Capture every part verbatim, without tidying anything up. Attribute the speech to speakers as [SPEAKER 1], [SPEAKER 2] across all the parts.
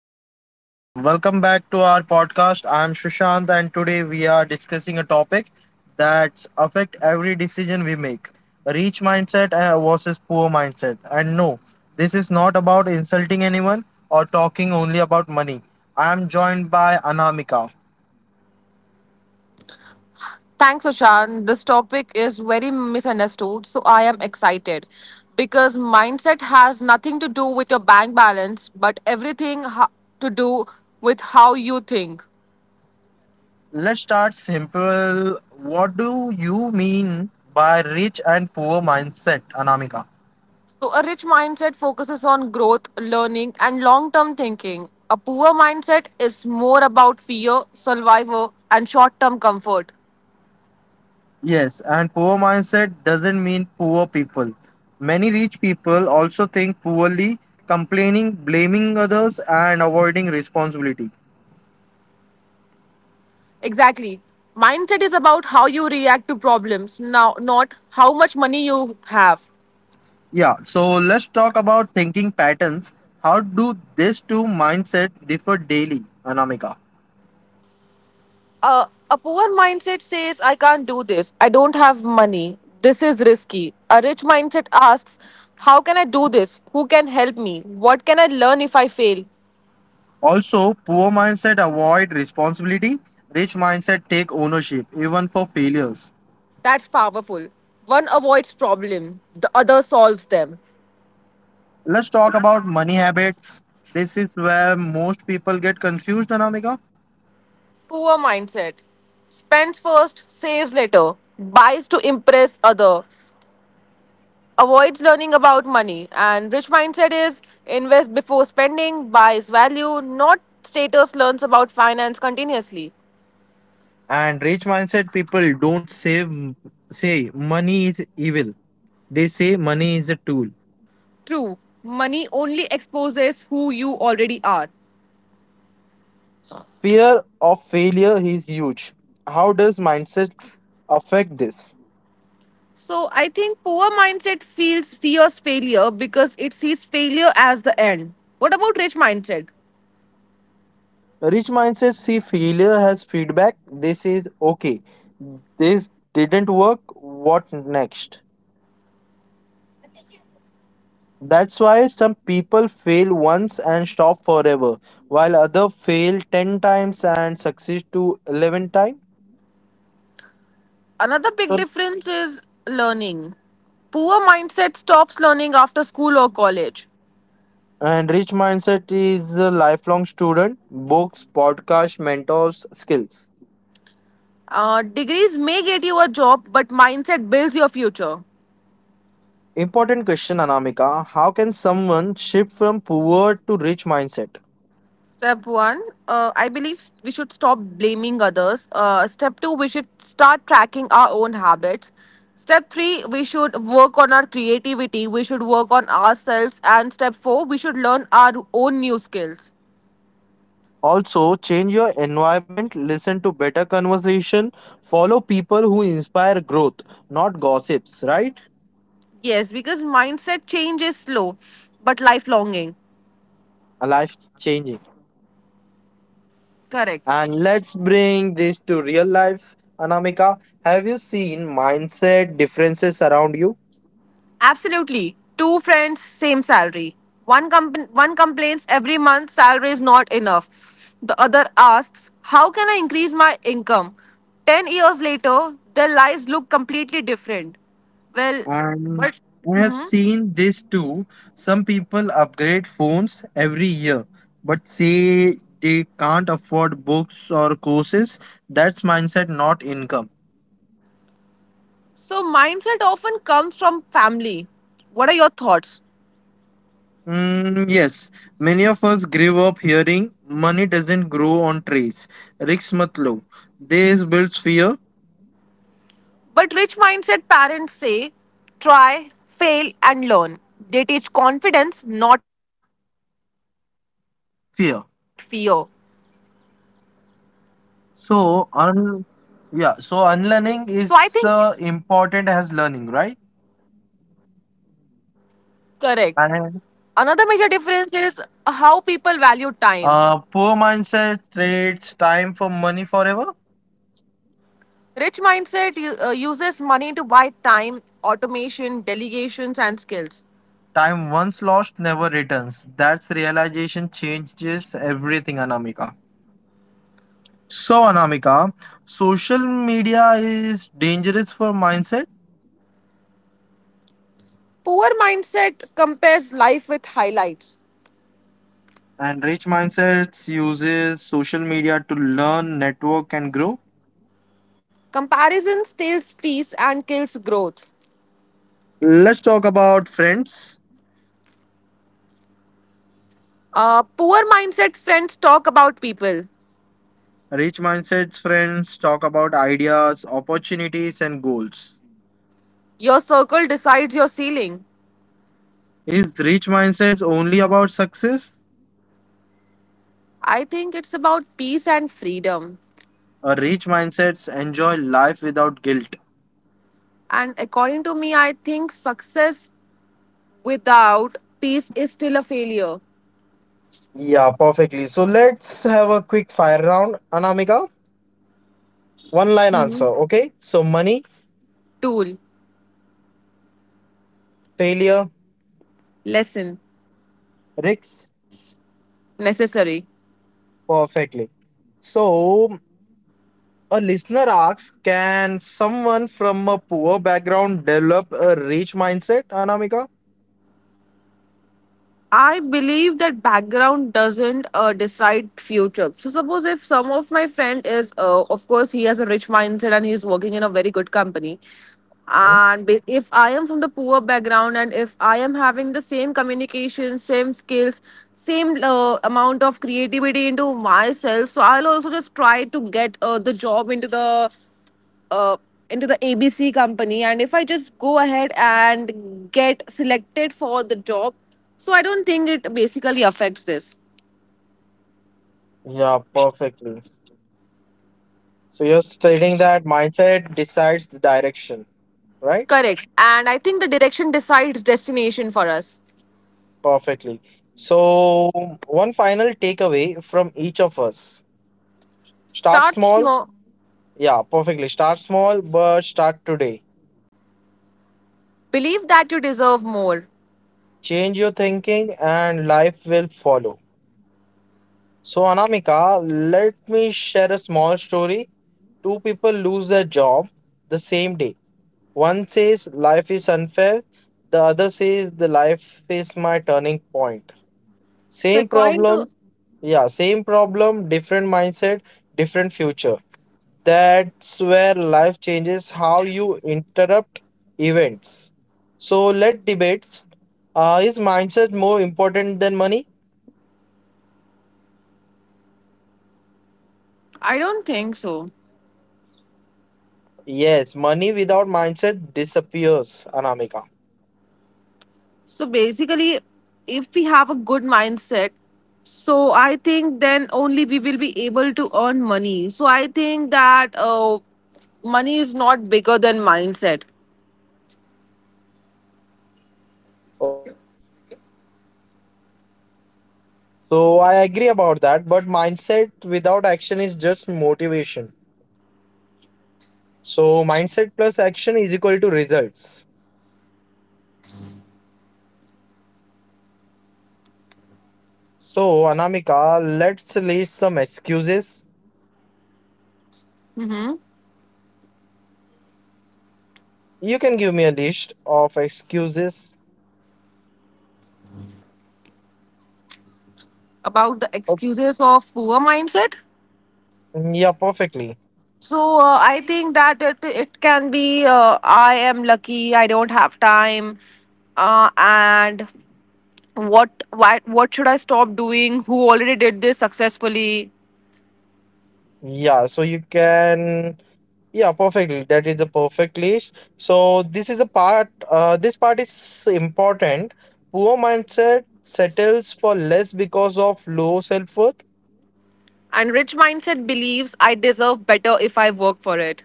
[SPEAKER 1] Hello everyone, welcome back to our podcast. I am Sushant and today we are discussing a topic that affect every decision we make. Rich mindset uh, versus poor mindset. And no, this is not about insulting anyone or talking only about money. I am joined by Anamika.
[SPEAKER 2] Thanks, Ashan. This topic is very misunderstood, so I am excited because mindset has nothing to do with your bank balance, but everything ha- to do with how you think.
[SPEAKER 1] Let's start simple. What do you mean by rich and poor mindset, Anamika?
[SPEAKER 2] So, a rich mindset focuses on growth, learning, and long term thinking. A poor mindset is more about fear, survival, and short term comfort.
[SPEAKER 1] Yes, and poor mindset doesn't mean poor people. Many rich people also think poorly, complaining, blaming others, and avoiding responsibility.
[SPEAKER 2] Exactly. Mindset is about how you react to problems now, not how much money you have.
[SPEAKER 1] Yeah, so let's talk about thinking patterns. How do these two mindsets differ daily, Anamika?
[SPEAKER 2] Uh, a poor mindset says, "I can't do this. I don't have money. This is risky." A rich mindset asks, "How can I do this? Who can help me? What can I learn if I fail?"
[SPEAKER 1] Also, poor mindset avoid responsibility, rich mindset take ownership, even for failures.
[SPEAKER 2] That's powerful. One avoids problem, the other solves them.
[SPEAKER 1] Let's talk about money habits. This is where most people get confused, Anamika.
[SPEAKER 2] Poor mindset spends first, saves later, buys to impress other, avoids learning about money, and rich mindset is invest before spending, buys value, not status, learns about finance continuously.
[SPEAKER 1] And rich mindset people don't say say money is evil. They say money is a tool.
[SPEAKER 2] True, money only exposes who you already are.
[SPEAKER 1] Fear of failure is huge. How does mindset affect this?
[SPEAKER 2] So I think poor mindset feels fears failure because it sees failure as the end. What about rich mindset?
[SPEAKER 1] Rich mindset see failure as feedback. They say, okay, this didn't work. What next? That's why some people fail once and stop forever, while others fail ten times and succeed to eleven times.
[SPEAKER 2] Another big
[SPEAKER 1] So
[SPEAKER 2] difference is learning. Poor mindset stops learning after school or college.
[SPEAKER 1] And Rich Mindset is a lifelong student, books, podcasts, mentors, skills.
[SPEAKER 2] Uh, degrees may get you a job, but mindset builds your future.
[SPEAKER 1] Important question, Anamika. How can someone shift from poor to rich mindset?
[SPEAKER 2] Step one, uh, I believe s- we should stop blaming others. Uh, step two, we should start tracking our own habits. Step three, we should work on our creativity. We should work on ourselves. And step four, we should learn our own new skills.
[SPEAKER 1] Also, change your environment, listen to better conversation, follow people who inspire growth, not gossips, right?
[SPEAKER 2] Yes, because mindset change is slow, but lifelonging.
[SPEAKER 1] A life changing.
[SPEAKER 2] Correct.
[SPEAKER 1] And let's bring this to real life, Anamika. Have you seen mindset differences around you?
[SPEAKER 2] Absolutely. Two friends, same salary. One comp- one complains every month salary is not enough. The other asks, "How can I increase my income?" ten years later, their lives look completely different. Well,
[SPEAKER 1] And
[SPEAKER 2] what?
[SPEAKER 1] I have
[SPEAKER 2] Mhm.
[SPEAKER 1] seen this too. Some people upgrade phones every year, but say they can't afford books or courses. That's mindset, not income.
[SPEAKER 2] So mindset often comes from family. What are your thoughts?
[SPEAKER 1] Mm, yes, many of us grew up hearing money doesn't grow on trees. Risk mat lo. This builds fear.
[SPEAKER 2] But rich mindset parents say, "Try, fail and learn." They teach confidence, not fear.
[SPEAKER 1] Fear.
[SPEAKER 2] So
[SPEAKER 1] So
[SPEAKER 2] I think
[SPEAKER 1] un Yeah. So unlearning is uh, important as learning, right?
[SPEAKER 2] correct. Another major
[SPEAKER 1] And
[SPEAKER 2] difference is how people value time.
[SPEAKER 1] Uh, poor mindset trades time for money forever.
[SPEAKER 2] Rich mindset u- uh, uses money to buy time, automation, delegations, and skills.
[SPEAKER 1] Time once lost never returns. That's realization changes everything, Anamika. So, Anamika, social media is dangerous for mindset,
[SPEAKER 2] Poor mindset compares life with highlights.
[SPEAKER 1] and rich mindsets uses social media to learn, network, and grow.
[SPEAKER 2] Comparison steals peace and kills growth.
[SPEAKER 1] Let's talk about friends.
[SPEAKER 2] Uh, poor mindset friends talk about people.
[SPEAKER 1] Rich mindsets friends talk about ideas, opportunities, and goals.
[SPEAKER 2] Your circle decides your ceiling.
[SPEAKER 1] Is rich mindsets only about success?
[SPEAKER 2] I think it's about peace and freedom.
[SPEAKER 1] A rich mindsets enjoy life without guilt.
[SPEAKER 2] And according to me, I think success without peace is still a failure.
[SPEAKER 1] Yeah, perfectly. So let's have a quick fire round. Anamika, one line
[SPEAKER 2] Mm-hmm.
[SPEAKER 1] answer. Okay. So money,
[SPEAKER 2] Tool,
[SPEAKER 1] failure,
[SPEAKER 2] lesson,
[SPEAKER 1] risks.
[SPEAKER 2] necessary.
[SPEAKER 1] Perfectly. So a listener asks, can someone from a poor background develop a rich mindset, Anamika?
[SPEAKER 2] I believe that background doesn't uh, decide future. So suppose if some of my friend is, uh, of course, he has a rich mindset and he's working in a very good company.
[SPEAKER 1] Mhm.
[SPEAKER 2] And ba- if I am from the poor background and if I am having the same communication, same skills, same uh, amount of creativity into myself, so I'll also just try to get uh, the job into the uh, into the A B C company, and if I just go ahead and get selected for the job, so I don't think it basically affects this.
[SPEAKER 1] Yeah, perfectly. So you're stating that mindset decides the direction, right?
[SPEAKER 2] Correct. And I think the direction decides destination for us.
[SPEAKER 1] Perfectly. So one final takeaway from each of us. Start
[SPEAKER 2] Start
[SPEAKER 1] small.
[SPEAKER 2] small.
[SPEAKER 1] Yeah, perfectly. Start small, but start today.
[SPEAKER 2] Believe that you deserve more.
[SPEAKER 1] Change your thinking and life will follow. So Anamika, let me share a small story. Two people lose their job the same day. One says life is unfair, the other says the life is my turning point.
[SPEAKER 2] So
[SPEAKER 1] Same
[SPEAKER 2] according
[SPEAKER 1] problem,
[SPEAKER 2] to
[SPEAKER 1] yeah, same problem, different mindset, different future. That's where life changes how you interrupt events. So let debates. Uh, is mindset more important than money?
[SPEAKER 2] I don't think so.
[SPEAKER 1] Yes, money without mindset disappears, Anamika.
[SPEAKER 2] So basically, if we have a good mindset, so I think then only we will be able to earn money. So I think that uh, money is not bigger than mindset.
[SPEAKER 1] Okay, so I agree about that, but mindset without action is just motivation. So mindset plus action is equal to results. So, Anamika, let's list some excuses.
[SPEAKER 2] Hmm.
[SPEAKER 1] You can give me a list of excuses.
[SPEAKER 2] About the
[SPEAKER 1] Oh,
[SPEAKER 2] excuses of poor mindset.
[SPEAKER 1] yeah, perfectly.
[SPEAKER 2] So uh, I think that it, it can be uh, I am lucky, I don't have time, uh, and what why what should I stop doing? Who already did this successfully?
[SPEAKER 1] Yeah, so you can. Yeah, perfectly. That is a perfect list. So this is a part. Uh, this part is important. Poor mindset settles for less because of low self-worth.
[SPEAKER 2] And rich mindset believes I deserve better if I work for it.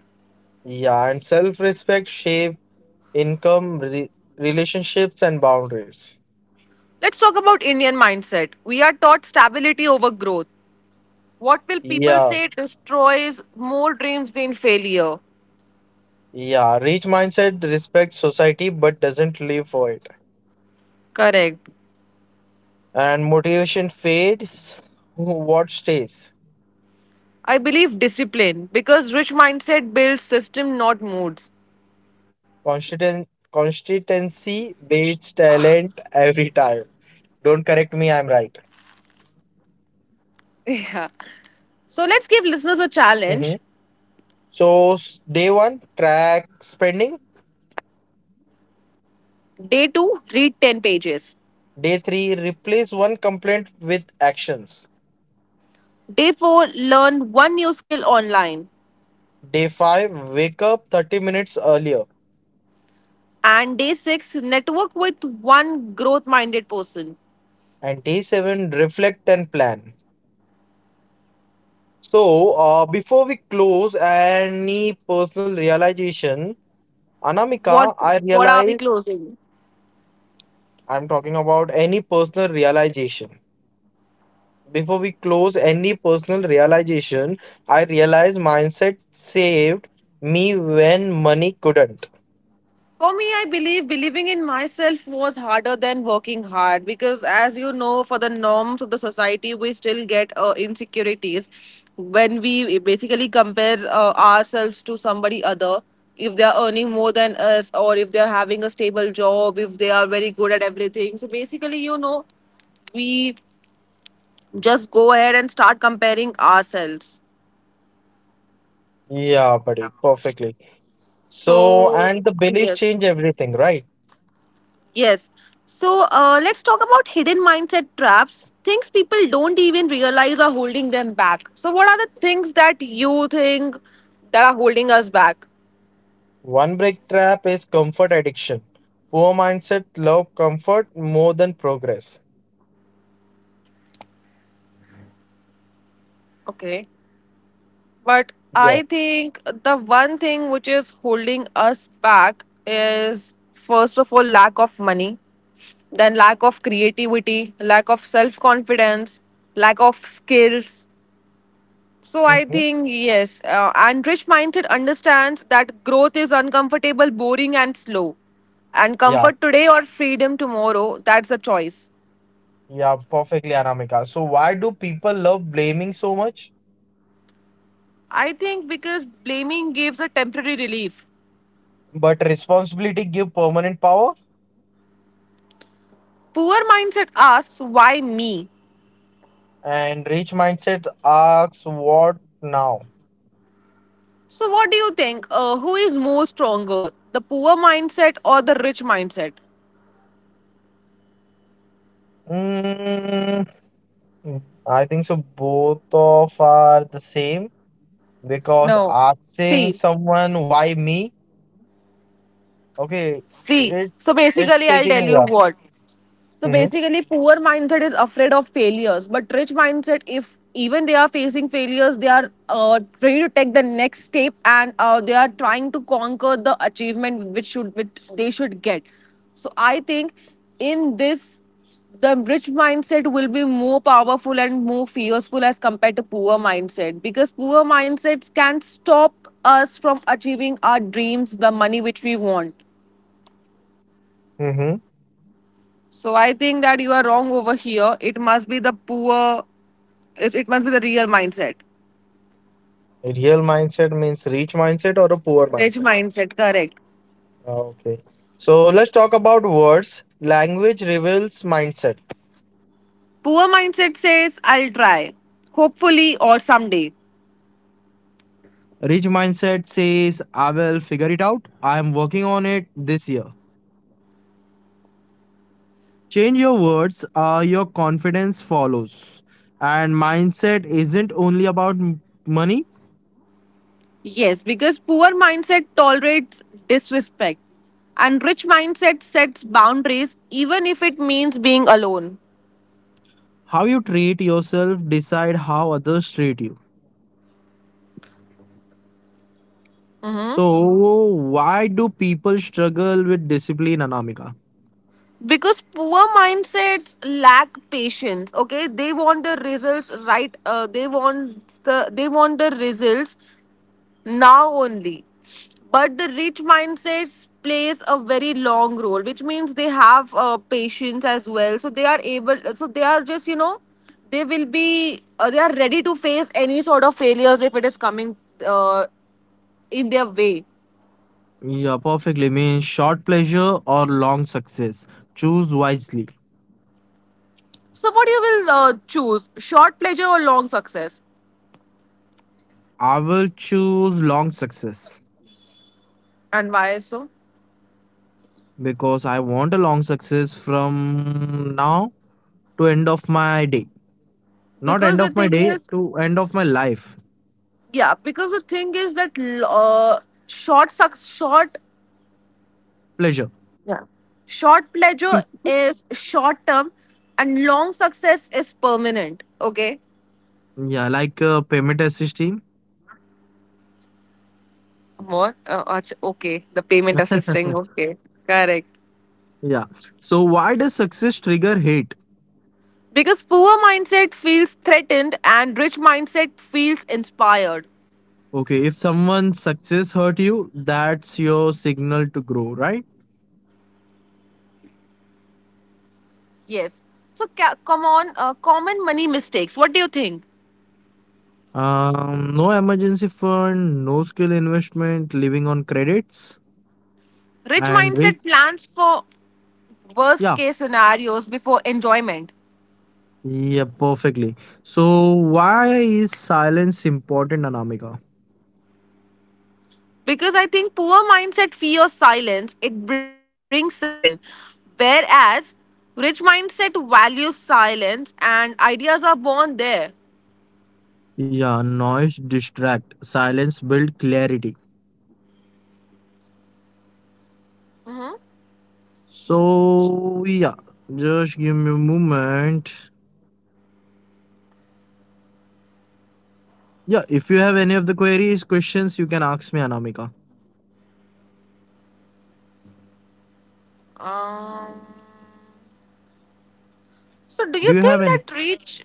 [SPEAKER 1] Yeah, and self-respect shape income, re relationships, and boundaries.
[SPEAKER 2] Let's talk about Indian mindset. We are taught stability over growth. What will people
[SPEAKER 1] Yeah.
[SPEAKER 2] say destroys more dreams than failure?
[SPEAKER 1] Yeah, rich mindset respects society but doesn't live for it.
[SPEAKER 2] Correct.
[SPEAKER 1] And motivation fades, what stays?
[SPEAKER 2] I believe discipline because rich mindset builds system, not moods.
[SPEAKER 1] Constant, consistency beats talent every time. Don't correct me, I'm right.
[SPEAKER 2] Yeah. So let's give listeners a challenge.
[SPEAKER 1] hmm So, s- day one, track spending.
[SPEAKER 2] Day two, read ten pages.
[SPEAKER 1] Day three, replace one complaint with actions.
[SPEAKER 2] Day four, learn one new skill online.
[SPEAKER 1] Day five, wake up thirty minutes earlier.
[SPEAKER 2] And day six, network with one growth minded person.
[SPEAKER 1] And day seven, reflect and plan. So, uh, before we close, any personal realization,
[SPEAKER 2] What
[SPEAKER 1] Anamika, I
[SPEAKER 2] what are we
[SPEAKER 1] realize
[SPEAKER 2] closing?
[SPEAKER 1] I'm talking about any personal realization. Before we close, any personal realization, I realize mindset saved me when money couldn't.
[SPEAKER 2] For me, I believe believing in myself was harder than working hard because, as you know, for the norms of the society, we still get uh, insecurities when we basically compare uh, ourselves to somebody other. If they are earning more than us, or if they are having a stable job, if they are very good at everything. So basically, you know, we just go ahead and start comparing ourselves.
[SPEAKER 1] Yeah, buddy, perfectly. So, and the
[SPEAKER 2] So
[SPEAKER 1] belief change
[SPEAKER 2] yes.
[SPEAKER 1] everything, right?
[SPEAKER 2] Yes. So uh, let's talk about hidden mindset traps, things people don't even realize are holding them back. So, what are the things that you think that are holding us back?
[SPEAKER 1] One break trap is comfort addiction. Poor mindset love comfort more than progress.
[SPEAKER 2] Okay. But
[SPEAKER 1] Yeah.
[SPEAKER 2] I think the one thing which is holding us back is first of all, lack of money, then lack of creativity, lack of self confidence, lack of skills. So I
[SPEAKER 1] hmm
[SPEAKER 2] think yes, uh, and rich mindset understands that growth is uncomfortable, boring, and slow. And
[SPEAKER 1] Yeah,
[SPEAKER 2] comfort today or freedom tomorrow, that's a choice.
[SPEAKER 1] Yeah, perfectly, Anamika. So why do people love blaming so much?
[SPEAKER 2] I think because blaming gives a temporary relief.
[SPEAKER 1] But responsibility give permanent power,
[SPEAKER 2] Poor mindset asks, why me?
[SPEAKER 1] and rich mindset asks what now?
[SPEAKER 2] So what do you think? Uh, who is more stronger, the poor mindset or the rich mindset?
[SPEAKER 1] Mm, I think so. Both of are the same because
[SPEAKER 2] No.
[SPEAKER 1] asking
[SPEAKER 2] See,
[SPEAKER 1] someone why me? Okay,
[SPEAKER 2] see.
[SPEAKER 1] it
[SPEAKER 2] So
[SPEAKER 1] it's
[SPEAKER 2] basically, I'll tell
[SPEAKER 1] taking
[SPEAKER 2] you
[SPEAKER 1] yeah.
[SPEAKER 2] what. So
[SPEAKER 1] Mm-hmm,
[SPEAKER 2] basically, poor mindset is afraid of failures, but rich mindset, if even they are facing failures, they are uh, ready to take the next step and uh, they are trying to conquer the achievement which should which they should get. So I think in this, the rich mindset will be more powerful and more fierceful as compared to poor mindset because poor mindsets can stop us from achieving our dreams, the money which we want.
[SPEAKER 1] mm-hmm.
[SPEAKER 2] So I think that you are wrong over here. It must be the poor, it it must be the real mindset.
[SPEAKER 1] Real mindset means rich mindset or a poor
[SPEAKER 2] Rich
[SPEAKER 1] mindset.
[SPEAKER 2] mindset, correct.
[SPEAKER 1] Okay. So let's talk about words. Language reveals mindset.
[SPEAKER 2] Poor mindset says, I'll try, hopefully, or someday.
[SPEAKER 1] Rich mindset says, I will figure it out. I am working on it this year. Change your words, uh, your confidence follows. And mindset isn't only about m- money.
[SPEAKER 2] Yes, because poor mindset tolerates disrespect, and rich mindset sets boundaries even if it means being alone.
[SPEAKER 1] How you treat yourself decide how others treat you.
[SPEAKER 2] Hmm.
[SPEAKER 1] So why do people struggle with discipline, Anamika?
[SPEAKER 2] Because poor mindsets lack patience. Okay, they want the results right. Uh, they want the they want the results now only. But the rich mindsets plays a very long role, which means they have uh, patience as well. So they are able. So they are just you know, they will be. Uh, they are ready to face any sort of failures if it is coming uh, in their way.
[SPEAKER 1] Yeah, perfectly. Means short pleasure or long success. Choose wisely.
[SPEAKER 2] So what you will uh, choose, short pleasure or long success,
[SPEAKER 1] I will choose long success
[SPEAKER 2] and why so?
[SPEAKER 1] because I want a long success from now to end of my day. Not
[SPEAKER 2] Because
[SPEAKER 1] end
[SPEAKER 2] the
[SPEAKER 1] of my
[SPEAKER 2] thing
[SPEAKER 1] day,
[SPEAKER 2] is,
[SPEAKER 1] to end of my life.
[SPEAKER 2] yeah, because the thing is that uh, short suc- short
[SPEAKER 1] Pleasure.
[SPEAKER 2] Short pleasure is short term and long success is permanent. Okay.
[SPEAKER 1] Yeah, like uh, payment assist team.
[SPEAKER 2] What? Uh, ach- okay, the payment assisting. Okay, correct.
[SPEAKER 1] Yeah. So why does success trigger hate?
[SPEAKER 2] Because poor mindset feels threatened and rich mindset feels inspired.
[SPEAKER 1] Okay, if someone's success hurt you, that's your signal to grow, right?
[SPEAKER 2] Yes. So ca- come on, uh, common money mistakes. What do you think?
[SPEAKER 1] Um, no emergency fund, no skill investment, living on credits
[SPEAKER 2] Rich
[SPEAKER 1] and
[SPEAKER 2] mindset
[SPEAKER 1] rich.
[SPEAKER 2] plans for worst
[SPEAKER 1] Yeah,
[SPEAKER 2] case scenarios before enjoyment.
[SPEAKER 1] Yeah, perfectly. So why is silence important, Anamika?
[SPEAKER 2] Because I think poor mindset fears silence, it brings self respection. Whereas rich mindset values silence and ideas are born there.
[SPEAKER 1] Yeah, noise distract. Silence build clarity. So yeah, just give me a moment. Yeah, if you have any of the queries, questions, you can ask me, Anamika.
[SPEAKER 2] Um, so do
[SPEAKER 1] Do
[SPEAKER 2] you
[SPEAKER 1] you have
[SPEAKER 2] think
[SPEAKER 1] any?
[SPEAKER 2] that rich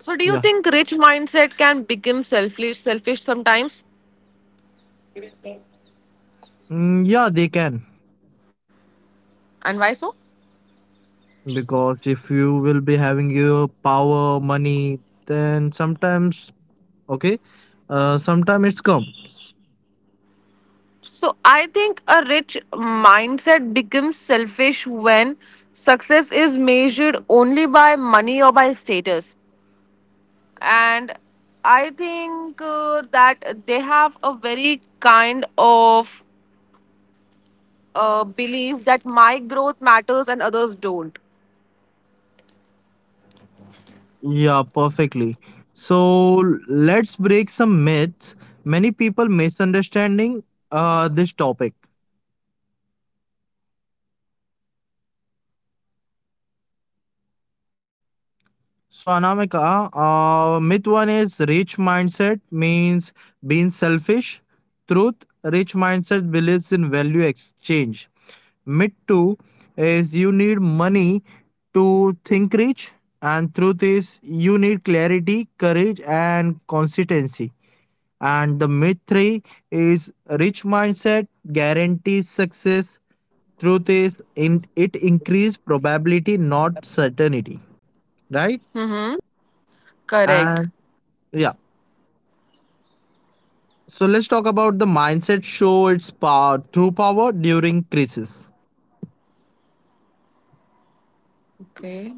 [SPEAKER 2] so do
[SPEAKER 1] Yeah.
[SPEAKER 2] you think rich mindset can become selfish selfish sometimes?
[SPEAKER 1] Mm, yeah, they can.
[SPEAKER 2] And why so?
[SPEAKER 1] Because if you will be having your power, money, then sometimes, okay, uh, sometimes it's come.
[SPEAKER 2] So I think a rich mindset becomes selfish when success is measured only by money or by status. And I think uh, that they have a very kind of uh, belief that my growth matters and others don't.
[SPEAKER 1] Yeah, perfectly. So let's break some myths. Many people misunderstanding uh, this topic. So Anamika, uh, myth one is rich mindset means being selfish. Truth, rich mindset believes in value exchange. Myth two is you need money to think rich, and truth is you need clarity, courage, and consistency. And the myth three is rich mindset guarantees success. Truth is, in, it increases probability, not certainty, right?
[SPEAKER 2] Mm-hmm. Correct.
[SPEAKER 1] And yeah, so let's talk about the mindset show its power through power during crisis.
[SPEAKER 2] Okay.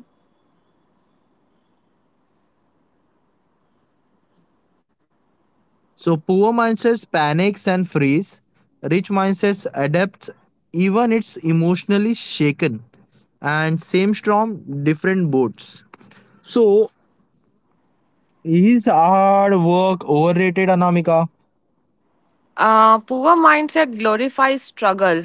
[SPEAKER 1] So poor mindsets panics and freeze. Rich mindsets adapts even it's emotionally shaken. And same storm, different boats. So is our work overrated, Anamika?
[SPEAKER 2] Uh, poor mindset glorifies struggle.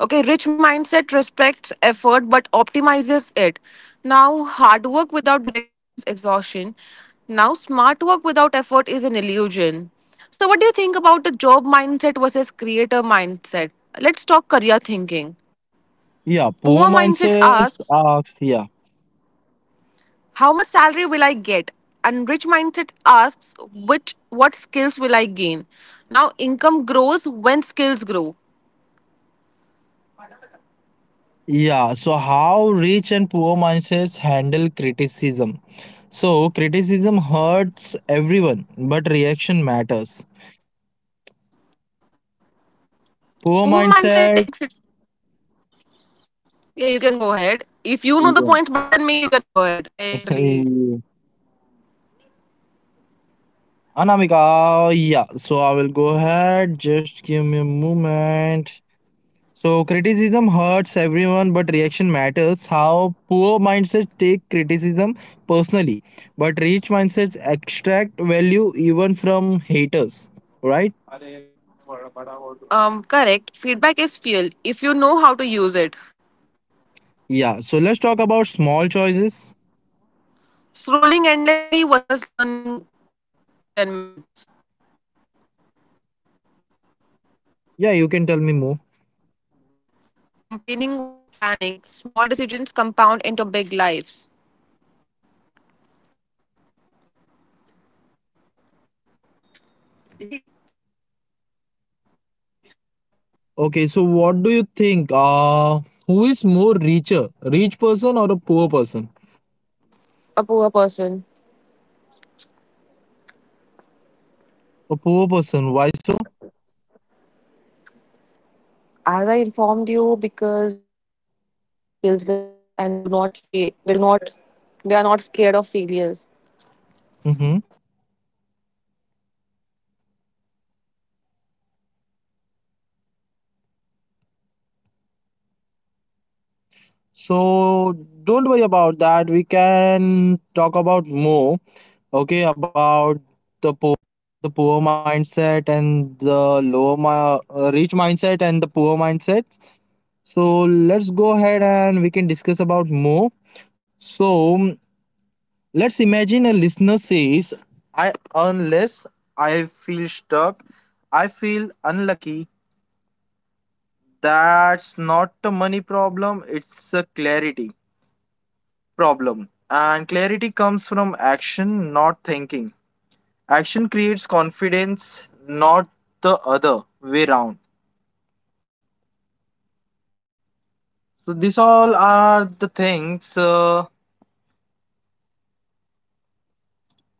[SPEAKER 2] Okay, rich mindset respects effort but optimizes it. Now, hard work without direction is exhaustion. Now, smart work without effort is an illusion. So, what do you think about the job mindset versus creator mindset? Let's talk career thinking.
[SPEAKER 1] Yeah,
[SPEAKER 2] Poor
[SPEAKER 1] poor
[SPEAKER 2] mindset
[SPEAKER 1] mindsets
[SPEAKER 2] asks,
[SPEAKER 1] asks, yeah.
[SPEAKER 2] How much salary will I get? And rich mindset asks, Which what skills will I gain? Now, income grows when skills grow.
[SPEAKER 1] Yeah, so how rich and poor mindsets handle criticism? So, criticism hurts everyone, but reaction matters.
[SPEAKER 2] Poor
[SPEAKER 1] Poor
[SPEAKER 2] mindset takes it.
[SPEAKER 1] mindset.
[SPEAKER 2] Yeah, you can go ahead. If you know the points
[SPEAKER 1] Yeah.
[SPEAKER 2] better than me, you can go ahead. I totally
[SPEAKER 1] Anamika, yeah. So, I will go ahead. Just give me a moment. So criticism hurts everyone, but reaction matters. How poor mindsets take criticism personally, but rich mindsets extract value even from haters, right?
[SPEAKER 2] um correct. Feedback is fuel if you know how to use it.
[SPEAKER 1] Yeah, so let's talk about small choices.
[SPEAKER 2] Scrolling endlessly versus learning ten minutes.
[SPEAKER 1] Yeah, you can tell me more.
[SPEAKER 2] Complaining versus planning. Small decisions compound into big lives.
[SPEAKER 1] Okay, so what do you think? Uh, who is more richer, rich person or a poor person?
[SPEAKER 2] A poor person.
[SPEAKER 1] A poor person, why so?
[SPEAKER 2] As I informed you, because they have more skills than us, and they do not fa- they do not they are not scared of failures.
[SPEAKER 1] Mm-hmm.
[SPEAKER 2] What do you think?
[SPEAKER 1] So don't worry about that. We can talk about more. Okay, about the poor the poor mindset and the lower mi- uh, rich mindset and the poor mindset. So
[SPEAKER 2] Hello,
[SPEAKER 1] let's go
[SPEAKER 2] Sushant.
[SPEAKER 1] ahead and we can discuss about more.
[SPEAKER 2] Are you able to hear me,
[SPEAKER 1] So mm,
[SPEAKER 2] Sushant?
[SPEAKER 1] let's imagine a listener says I earn less,
[SPEAKER 2] Hello?
[SPEAKER 1] I feel stuck, I feel unlucky.
[SPEAKER 2] Hello, Sushant? Are you able to hear me?
[SPEAKER 1] That's not a money problem, it's a clarity problem, and clarity comes from action,
[SPEAKER 2] Hello,
[SPEAKER 1] not
[SPEAKER 2] Sushant?
[SPEAKER 1] thinking. Action creates confidence, not the
[SPEAKER 2] Hello?
[SPEAKER 1] other way round. So, these all are the things
[SPEAKER 2] Hello?
[SPEAKER 1] uh,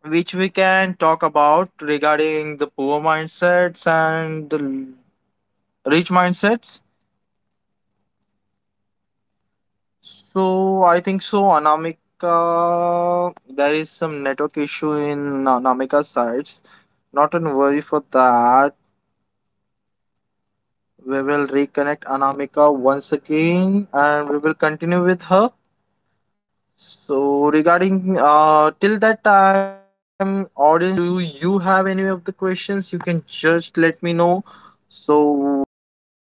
[SPEAKER 2] Okay,
[SPEAKER 1] which we
[SPEAKER 2] so I
[SPEAKER 1] can
[SPEAKER 2] believe
[SPEAKER 1] talk
[SPEAKER 2] Sushant
[SPEAKER 1] about
[SPEAKER 2] is on to the
[SPEAKER 1] regarding the
[SPEAKER 2] network
[SPEAKER 1] poor
[SPEAKER 2] connectivity issues.
[SPEAKER 1] mindsets and the
[SPEAKER 2] So I'll just inform
[SPEAKER 1] rich
[SPEAKER 2] you
[SPEAKER 1] mindsets.
[SPEAKER 2] small wins philosophy. So why
[SPEAKER 1] So, I think so, Anamika, there is some network issue in Anamika's sides. Not to worry for that. We will reconnect Anamika once again and we will continue with her. So regarding uh till that time, audience, do you have any of the questions? You can just let me know. So once